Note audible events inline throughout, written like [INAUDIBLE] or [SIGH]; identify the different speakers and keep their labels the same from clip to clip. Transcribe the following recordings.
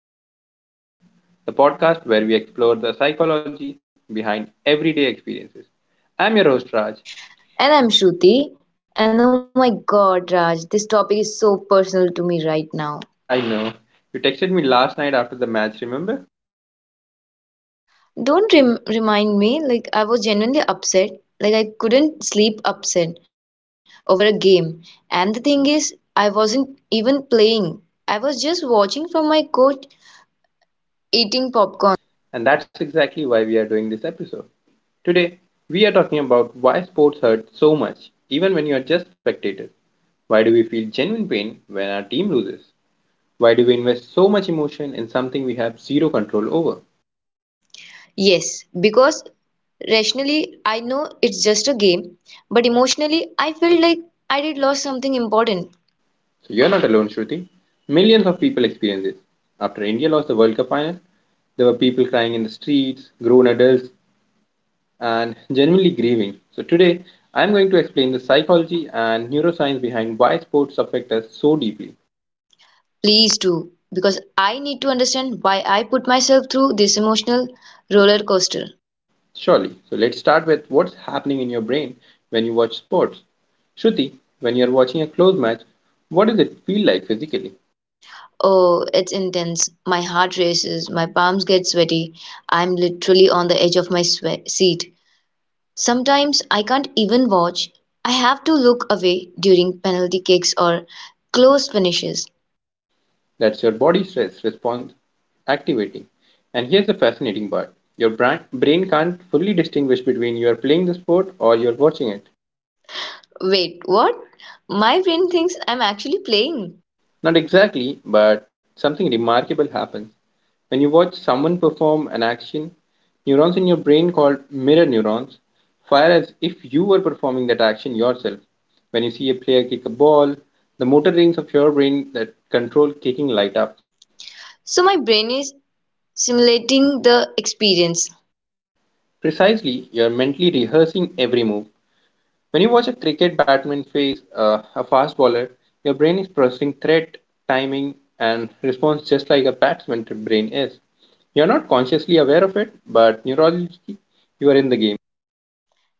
Speaker 1: Real Talk with Raj, the podcast where we explore the psychology behind everyday experiences. I'm your host, Raj.
Speaker 2: And I'm Shruti. And oh my god, Raj, this topic is so personal to me right now.
Speaker 1: I know you texted me last night after the match, remember?
Speaker 2: Don't rem- remind me, like, I was genuinely upset. Like, I couldn't sleep upset over a game. And the thing is, I wasn't even playing, I was just watching from my couch eating popcorn.
Speaker 1: And that's exactly why we are doing this episode. Today, we are talking about why sports hurt so much, even when you are just spectators. Why do we feel genuine pain when our team loses? Why do we invest so much emotion in something we have zero control over?
Speaker 2: Yes, because rationally, I know it's just a game, but emotionally, I felt like I did lost something important.
Speaker 1: So, You're not alone, Shruti. Millions of people experience this. After India lost the World Cup final, there were people crying in the streets, grown adults, and genuinely grieving. So, today, I'm going to explain the psychology and neuroscience behind why sports affect us so deeply.
Speaker 2: Please do, because I need to understand why I put myself through this emotional roller coaster.
Speaker 1: Surely. So, let's start with what's happening in your brain when you watch sports. Shruti, when you're watching a close match, what does it feel like physically?
Speaker 2: Oh, it's intense. My heart races, my palms get sweaty. I'm literally on the edge of seat. Sometimes I can't even watch. I have to look away during penalty kicks or close finishes.
Speaker 1: That's your body stress response activating. And here's the fascinating part, your brain can't fully distinguish between you are playing the sport or you're watching it.
Speaker 2: Wait, what? My brain thinks I'm actually playing.
Speaker 1: Not exactly, but something remarkable happens. When you watch someone perform an action, neurons in your brain called mirror neurons fire as if you were performing that action yourself. When you see a player kick a ball, the motor rings of your brain that control kicking light up.
Speaker 2: So my brain is simulating the experience.
Speaker 1: Precisely, you're mentally rehearsing every move. When you watch a cricket batsman face a fast bowler, your brain is processing threat, timing, and response just like a batsman's brain is. You're not consciously aware of it, but neurologically, you are in the game.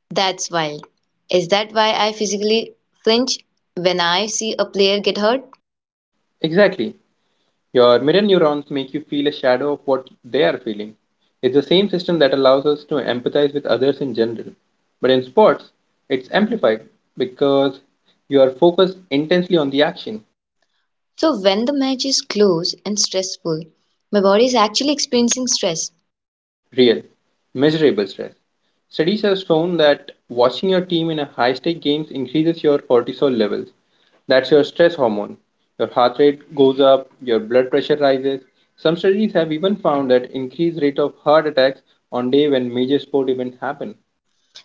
Speaker 2: That's wild. Is that why I physically flinch when I see a player get hurt?
Speaker 1: Exactly. Your mirror neurons make you feel a shadow of what they are feeling. It's the same system that allows us to empathize with others in general. But in sports, it's amplified because you are focused intensely on the action.
Speaker 2: So, when the match is close and stressful, my body is actually experiencing stress.
Speaker 1: Real, measurable stress. Studies have shown that watching your team in a high-stake games increases your cortisol levels. That's your stress hormone. Your heart rate goes up, your blood pressure rises. Some studies have even found that increased rate of heart attacks on day when major sport events happen.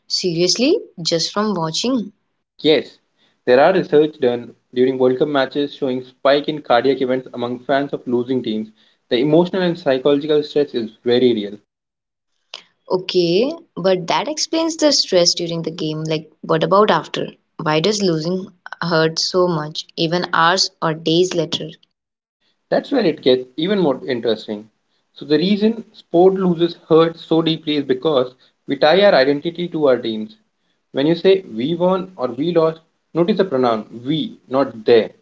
Speaker 2: Seriously? Just from watching?
Speaker 1: Yes, there are research done during World Cup matches showing spike in cardiac events among fans of losing teams. The emotional and psychological stress is very real.
Speaker 2: Okay, but that explains the stress during the game. Like, what about after? Why does losing hurt so much, even hours or days later?
Speaker 1: That's where it gets even more interesting. So, the reason sport loses hurt so deeply is because we tie our identity to our teams. When you say we won or we lost, notice the pronoun we, not they.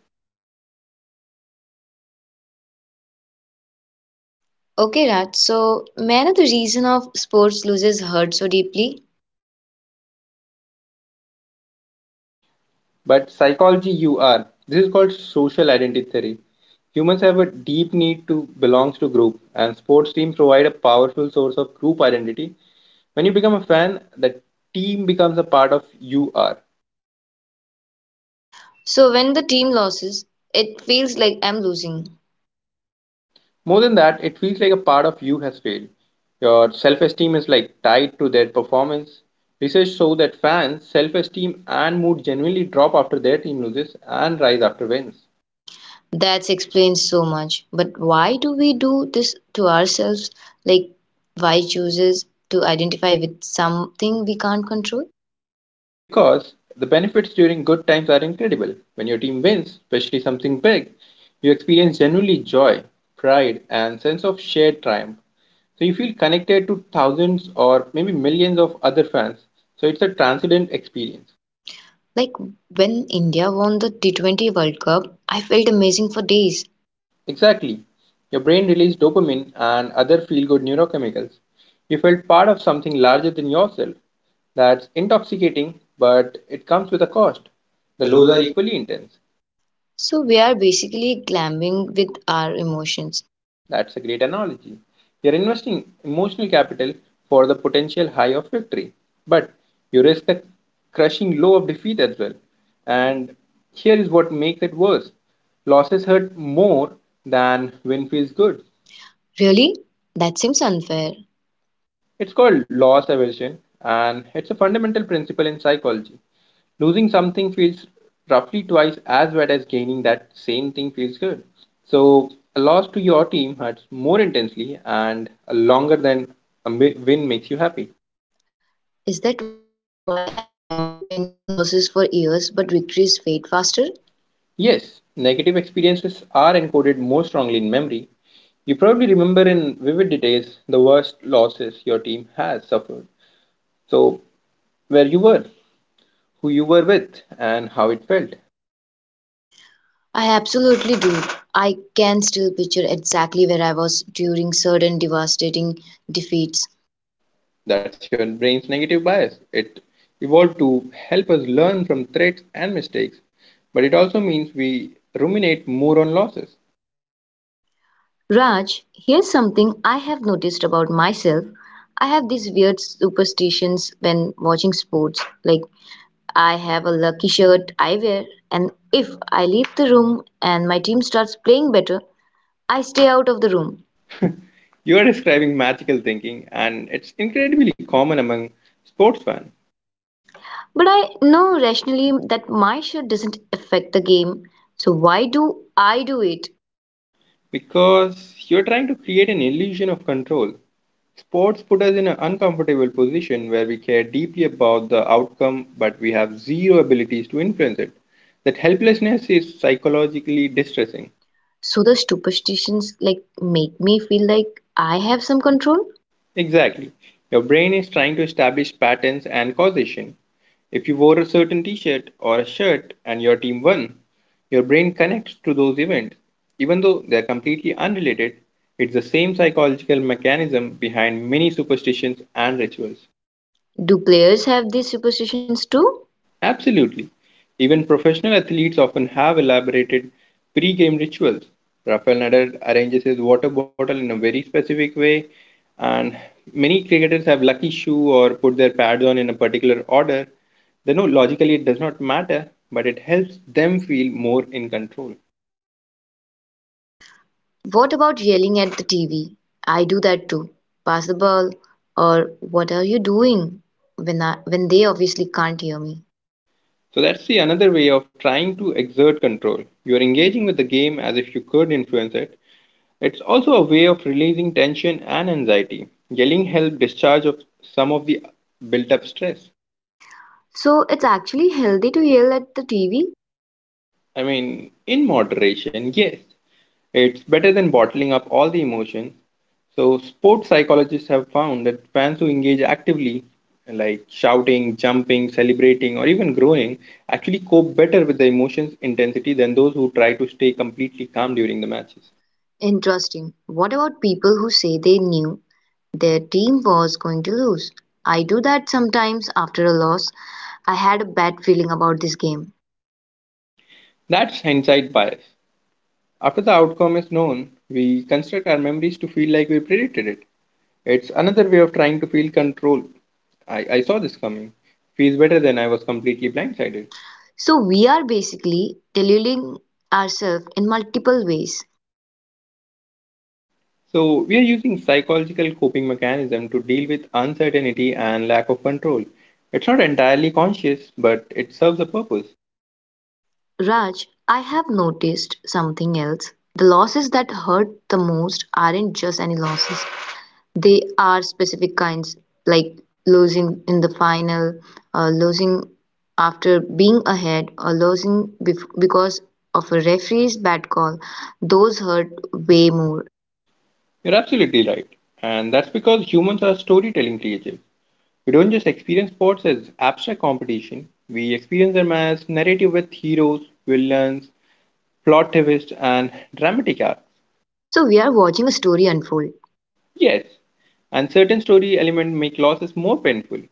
Speaker 2: Okay, Raj, so may I know the reason of sports loses hurt so deeply?
Speaker 1: But psychology, you are. This is called social identity theory. Humans have a deep need to belong to group, and sports teams provide a powerful source of group identity. When you become a fan, the team becomes a part of you are.
Speaker 2: So when the team loses, it feels like I'm losing.
Speaker 1: More than that, it feels like a part of you has failed. Your self esteem is like tied to their performance. Research shows that fans' self esteem and mood genuinely drop after their team loses and rise after wins.
Speaker 2: That explains so much. But why do we do this to ourselves? Like, why chooses to identify with something we can't control?
Speaker 1: Because the benefits during good times are incredible. When your team wins, especially something big, you experience genuinely joy, pride, and sense of shared triumph. So you feel connected to thousands or maybe millions of other fans. So it's a transcendent experience.
Speaker 2: Like, when India won the T20 World Cup, I felt amazing for days.
Speaker 1: Exactly. Your brain released dopamine and other feel good neurochemicals. You felt part of something larger than yourself. That's intoxicating, but it comes with a cost. The
Speaker 2: The
Speaker 1: lows are
Speaker 2: loser,
Speaker 1: equally intense.
Speaker 2: so we are basically glamming with our emotions.
Speaker 1: That's a great analogy. You're investing emotional capital for the potential high of victory, but you risk the crushing low of defeat as well. And here is what makes it worse, losses hurt more than win feels good.
Speaker 2: Really? That seems unfair.
Speaker 1: It's called loss aversion, and it's a fundamental principle in psychology. Losing something feels roughly twice as bad as gaining that same thing feels good. So, a loss to your team hurts more intensely and longer than win makes you happy.
Speaker 2: Is that why I remember painful losses for years but victories fade faster?
Speaker 1: Yes, negative experiences are encoded more strongly in memory. You probably remember in vivid details the worst losses your team has suffered. So, where you were, who you were with, and how it felt.
Speaker 2: I absolutely do. I can still picture exactly where I was during certain devastating defeats.
Speaker 1: That's your brain's negative bias. It evolved to help us learn from threats and mistakes, but it also means we ruminate more on losses.
Speaker 2: Raj, here's something I have noticed about myself. I have these weird superstitions when watching sports. Like, I have a lucky shirt I wear, and if I leave the room and my team starts playing better, I stay out of the room.
Speaker 1: You are describing magical thinking, and it's incredibly common among sports fans
Speaker 2: But I know rationally that my shirt doesn't affect the game, so why do I do it?
Speaker 1: because you're trying to create an illusion of control. Sports put us in an uncomfortable position where we care deeply about the outcome, but we have zero abilities to influence it. That helplessness is psychologically distressing.
Speaker 2: So the superstitions like make me feel like I have some control.
Speaker 1: Exactly. Your brain is trying to establish patterns and causation. If you wore a certain t shirt or a shirt and your team won, your brain connects to those events. Even though they are completely unrelated, it's the same psychological mechanism behind many superstitions and rituals.
Speaker 2: Do players have these superstitions too?
Speaker 1: Absolutely. Even professional athletes often have elaborated pre-game rituals. Rafael Nadal arranges his water bottle in a very specific way, and many cricketers have lucky shoe or put their pads on in a particular order. They know logically it does not matter, but it helps them feel more in control.
Speaker 2: What about yelling at the TV? I do that too. Pass the ball or what are you doing? When I, when they obviously can't hear me.
Speaker 1: So that's the another way of trying to exert control. You are engaging with the game as if you could influence it. It's also a way of releasing tension and anxiety. Yelling helps discharge of some of the built up stress.
Speaker 2: So it's actually healthy to yell at the TV?
Speaker 1: I mean, in moderation, yes. It's better than bottling up all the emotions. So, sports psychologists have found that fans who engage actively, like shouting, jumping, celebrating, or even groaning, actually cope better with the emotions intensity than those who try to stay completely calm during the matches.
Speaker 2: Interesting. What about people who say they knew their team was going to lose? I do that sometimes after a loss. I had a bad feeling about this game.
Speaker 1: That's hindsight bias. After the outcome is known, we construct our memories to feel like we predicted it. It's another way of trying to feel control. I saw this coming. Feels better than I was completely blindsided.
Speaker 2: So we are basically deluding ourselves in multiple ways.
Speaker 1: So we are using psychological coping mechanism to deal with uncertainty and lack of control. It's not entirely conscious, but it serves a purpose.
Speaker 2: Raj, I have noticed something else. The losses that hurt the most aren't just any losses. They are specific kinds, like losing in the final, or losing after being ahead, or because of a referee's bad call. Those hurt way more.
Speaker 1: You're absolutely right. And that's because humans are storytelling creatures. We don't just experience sports as abstract competition, we experience them as narrative with heroes, villains, plot twist, and dramatic arc.
Speaker 2: So we are watching a story unfold.
Speaker 1: Yes, and certain story elements make losses more painful.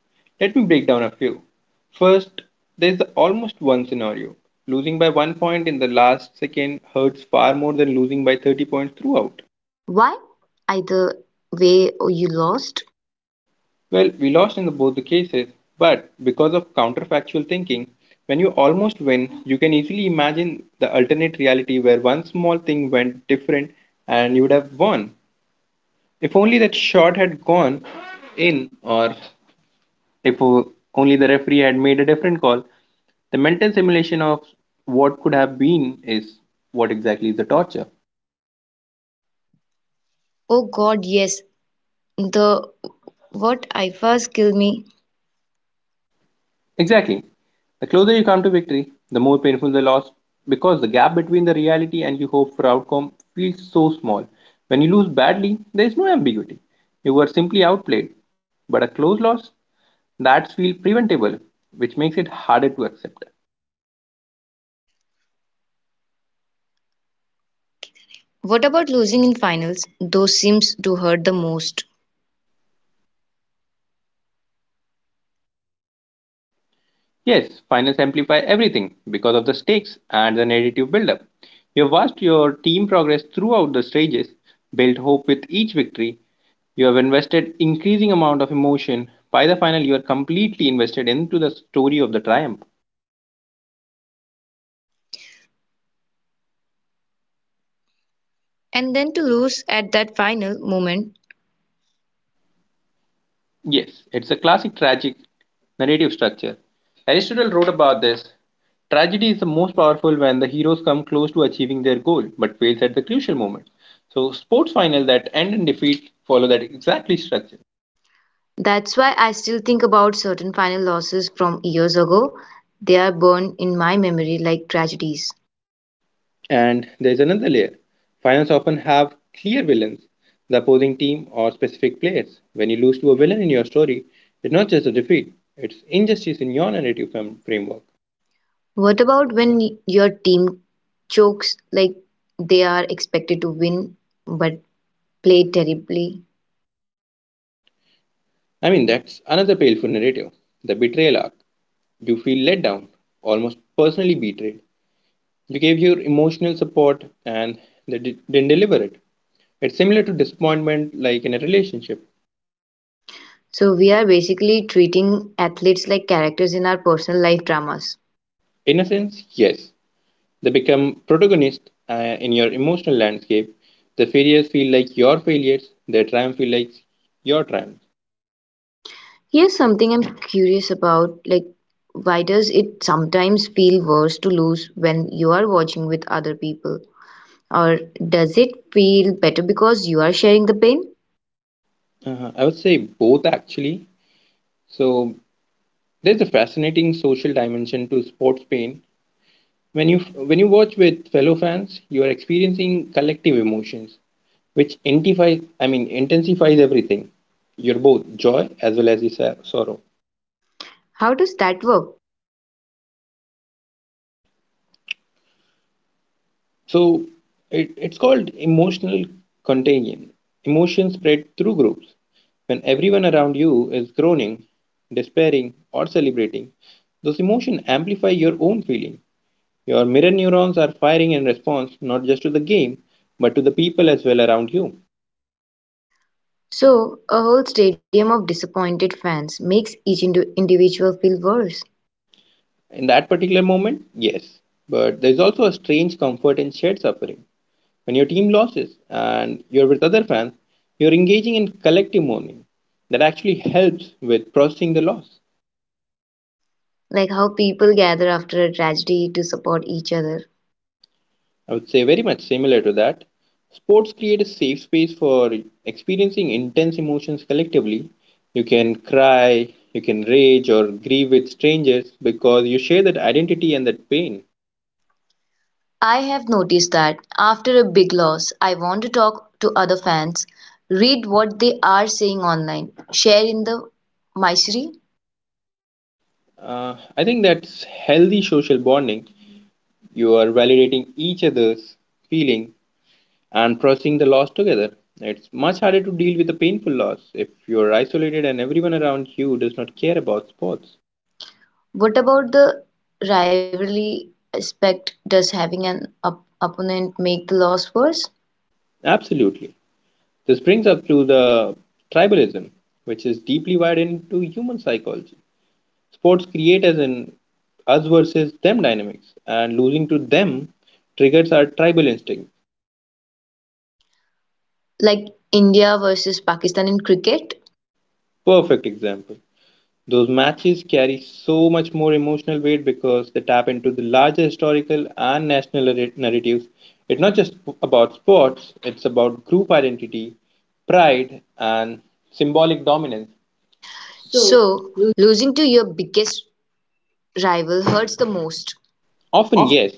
Speaker 1: Let me break down a few. First, there is the almost one scenario. Losing by 1 point in the last second hurts far more than losing by 30 points throughout.
Speaker 2: Why? Either way you lost.
Speaker 1: Well, we lost in the, both the cases, but because of counterfactual thinking, when you almost win, you can easily imagine the alternate reality where one small thing went different and you would have won. If only that shot had gone in, or if only the referee had made a different call, the mental simulation of what could have been is what exactly is the torture.
Speaker 2: Oh God, yes. The what ifas kill me.
Speaker 1: Exactly. The closer you come to victory, the more painful the loss because the gap between the reality and your hope for outcome feels so small. When you lose badly, there is no ambiguity. You were simply outplayed. But a close loss, that's feel preventable, which makes it harder to accept.
Speaker 2: What about losing in finals? Those seems to hurt the most.
Speaker 1: Yes, finals amplify everything because of the stakes and the narrative buildup. You've watched your team progress throughout the stages, built hope with each victory. You have invested increasing amount of emotion. By the final, you are completely invested into the story of the triumph.
Speaker 2: And then to lose at that final moment.
Speaker 1: Yes, it's a classic tragic narrative structure. Aristotle wrote about this. Tragedy is the most powerful when the heroes come close to achieving their goal but fails at the crucial moment. So sports final that end in defeat follow that exactly structure.
Speaker 2: That's why I still think about certain final losses from years ago. They are burned in my memory like tragedies.
Speaker 1: And there's another layer. Finals often have clear villains, the opposing team, or specific players. When you lose to a villain in your story, it's not just a defeat, it's injustice in your narrative framework.
Speaker 2: What about when your team chokes like they are expected to win but play terribly?
Speaker 1: I mean, that's another paleful narrative, the betrayal arc. You feel let down, almost personally betrayed. You gave your emotional support and they didn't deliver it. It's similar to disappointment, like in a relationship.
Speaker 2: So we are basically treating athletes like characters in our personal life dramas.
Speaker 1: Innocence, yes. They become protagonists in your emotional landscape. The failures feel like your failures, their triumph feel like your triumph.
Speaker 2: Here's something I'm curious about, like why does it sometimes feel worse to lose when you are watching with other people? Or does it feel better because you are sharing the pain?
Speaker 1: I would say both actually. So there's a fascinating social dimension to sports pain. When you watch with fellow fans, you are experiencing collective emotions, which intensifies I mean intensifies everything. You're both joy as well as the sorrow.
Speaker 2: How does that work?
Speaker 1: So it's called emotional contagion. Emotions spread through groups. When everyone around you is groaning, despairing, or celebrating, those emotions amplify your own feeling. Your mirror neurons are firing in response not just to the game, but to the people as well around you.
Speaker 2: So, a whole stadium of disappointed fans makes each individual feel worse.
Speaker 1: In that particular moment, yes. But there's also a strange comfort in shared suffering. When your team loses and you're with other fans, you're engaging in collective mourning. That actually helps with processing the loss.
Speaker 2: Like how people gather after a tragedy to support each other.
Speaker 1: I would say very much similar to that. Sports create a safe space for experiencing intense emotions collectively. You can cry, you can rage or grieve with strangers because you share that identity and that pain.
Speaker 2: I have noticed that after a big loss, I want to talk to other fans, read what they are saying online, share in the misery.
Speaker 1: I think that's healthy social bonding. You are validating each other's feeling and processing the loss together. It's much harder to deal with a painful loss if you're isolated and everyone around you does not care about sports.
Speaker 2: What about the rivalry aspect? Does having an opponent make the loss worse?
Speaker 1: Absolutely. This brings up to the tribalism, which is deeply wired into human psychology. Sports create as an us versus them dynamics, and losing to them triggers our tribal instinct.
Speaker 2: Like India versus Pakistan in cricket?
Speaker 1: Perfect example. Those matches carry so much more emotional weight because they tap into the larger historical and national narratives. It's not just about sports, it's about group identity, pride, and symbolic dominance.
Speaker 2: So, losing to your biggest rival hurts the most.
Speaker 1: Often,
Speaker 2: Of,
Speaker 1: yes,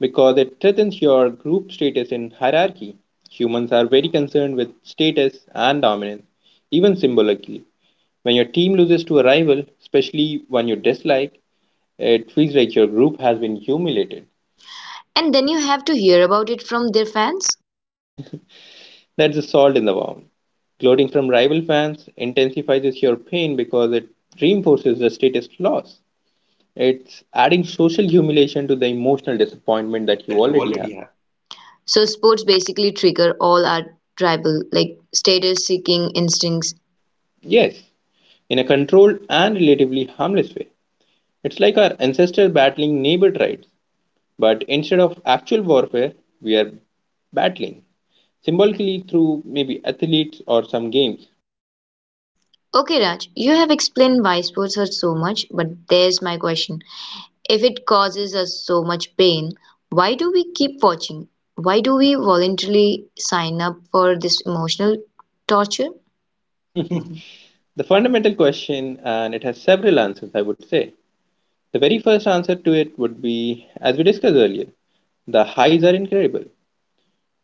Speaker 1: because it threatens your group status in hierarchy. Humans are very concerned with status and dominance, even symbolically. When your team loses to a rival, especially one you dislike, it feels like your group has been humiliated.
Speaker 2: and then you have to hear about it from their fans?
Speaker 1: That's the salt in the wound. Gloating from rival fans intensifies your pain because it reinforces the status loss. It's adding social humiliation to the emotional disappointment that you
Speaker 2: That you
Speaker 1: already have.
Speaker 2: already have. So sports basically trigger all our tribal, like status seeking instincts.
Speaker 1: Yes, in a controlled and relatively harmless way. It's like our ancestors battling neighbor tribes, but instead of actual warfare, we are battling symbolically through maybe athletes or some games.
Speaker 2: Okay, Raj, you have explained why sports hurt so much, but there's my question. If it causes us so much pain, why do we keep watching? Why do we voluntarily sign up for this emotional torture?
Speaker 1: The fundamental question, and it has several answers, I would say, the very first answer to it would be, as we discussed earlier, the highs are incredible.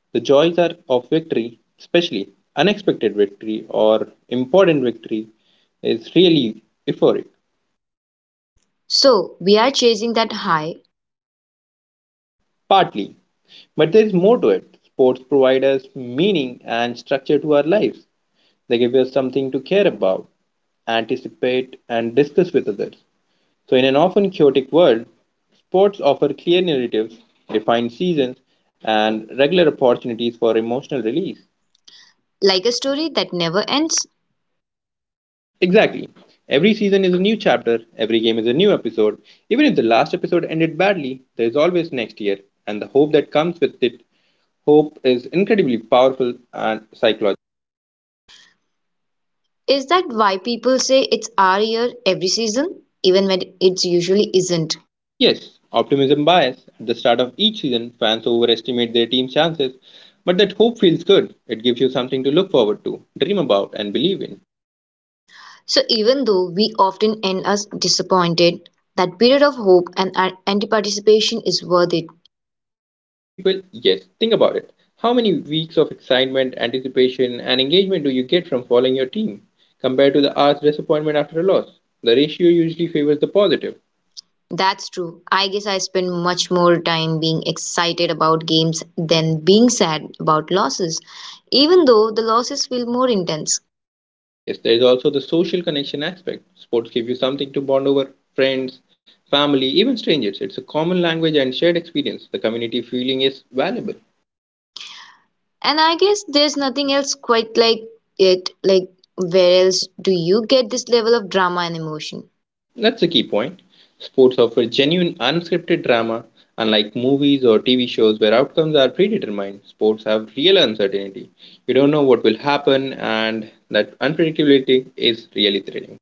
Speaker 1: The joys are of victory, especially unexpected victory or important victory, is really euphoric.
Speaker 2: So, we are chasing that high,
Speaker 1: Partly. But there is more to it. Sports provide us meaning and structure to our lives. They give us something to care about, anticipate, and discuss with others. So, in an often chaotic world, sports offer clear narratives, defined seasons, and regular opportunities for emotional release.
Speaker 2: like a story that never ends.
Speaker 1: Exactly. Every season is a new chapter, every game is a new episode. Even if the last episode ended badly, there is always next year, and the hope that comes with it. Hope is incredibly powerful and psychological.
Speaker 2: Is that why people say it's our year every season, even when it's usually isn't?
Speaker 1: Yes, optimism bias. At the start of each season, fans overestimate their team's chances, but that hope feels good. It gives you something to look forward to, dream about, and believe in.
Speaker 2: So, even though we often end us disappointed, that period of hope and anti participation is worth it.
Speaker 1: For many people, yes, think about it. How many weeks of excitement, anticipation, and engagement do you get from following your team compared to the hours disappointment after a loss? The ratio usually favors the positive.
Speaker 2: That's true. I guess I spend much more time being excited about games than being sad about losses, even though the losses feel more intense.
Speaker 1: Yes, there is also the social connection aspect. Sports give you something to bond over friends, family, even strangers. It's a common language and shared experience. The community feeling is valuable.
Speaker 2: And I guess there's nothing else quite like it. Like, where else do you get this level of drama and emotion?
Speaker 1: That's a key point. Sports offer genuine, unscripted drama, unlike movies or TV shows where outcomes are predetermined. Sports have real uncertainty. You don't know what will happen, and that unpredictability is really thrilling.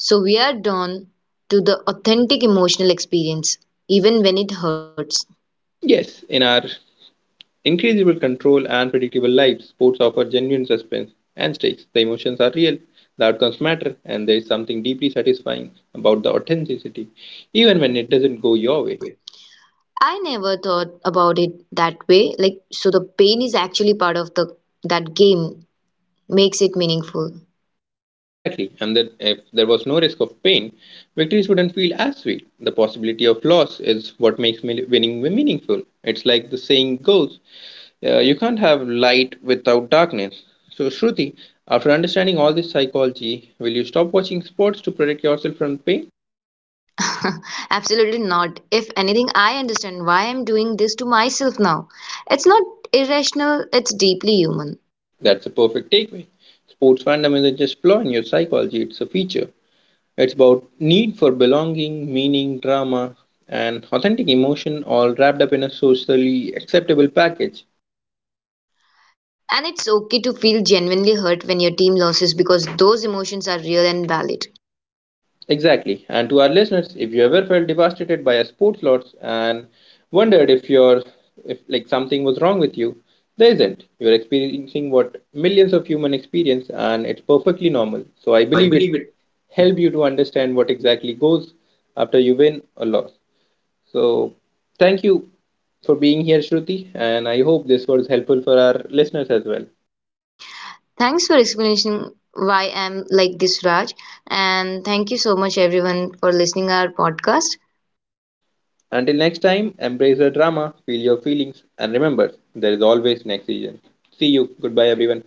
Speaker 2: So, we are done to the authentic emotional experience, even when it hurts.
Speaker 1: Yes, in our increasable control and predictable lives, sports offer genuine suspense and stakes. The emotions are real, the outcomes matter, and there is something deeply satisfying about the authenticity, even when it doesn't go your way.
Speaker 2: I never thought about it that way. Like, so the pain is actually part of the that game makes it meaningful.
Speaker 1: Exactly, and that if there was no risk of pain, victories wouldn't feel as sweet. The possibility of loss is what winning meaningful. It's like the saying goes, you can't have light without darkness. So, Shruti, after understanding all this psychology, will you stop watching sports to protect yourself from pain?
Speaker 2: [LAUGHS] Absolutely not. If anything, I understand why I'm doing this to myself now. It's not irrational, it's deeply human.
Speaker 1: That's a perfect takeaway. Sports fandom isn't just flaw in your psychology, it's a feature. It's about need for belonging, meaning, drama, and authentic emotion all wrapped up in a socially acceptable package.
Speaker 2: And it's okay to feel genuinely hurt when your team loses because those emotions are real and valid.
Speaker 1: Exactly. And to our listeners, if you ever felt devastated by a sports loss and wondered if your if like something was wrong with you, there isn't. You're experiencing what millions of humans experience and it's perfectly normal. So I
Speaker 2: So I
Speaker 1: believe it
Speaker 2: believe it.
Speaker 1: help you to understand what exactly goes after you win or loss. So thank you for being here, Shruti, and I hope this was helpful for our listeners as well.
Speaker 2: Thanks for explanation why I'm like this, Raj. And thank you so much everyone for listening our podcast.
Speaker 1: Until next time, embrace the drama, feel your feelings, and remember, there is always next season. See you. Goodbye, everyone.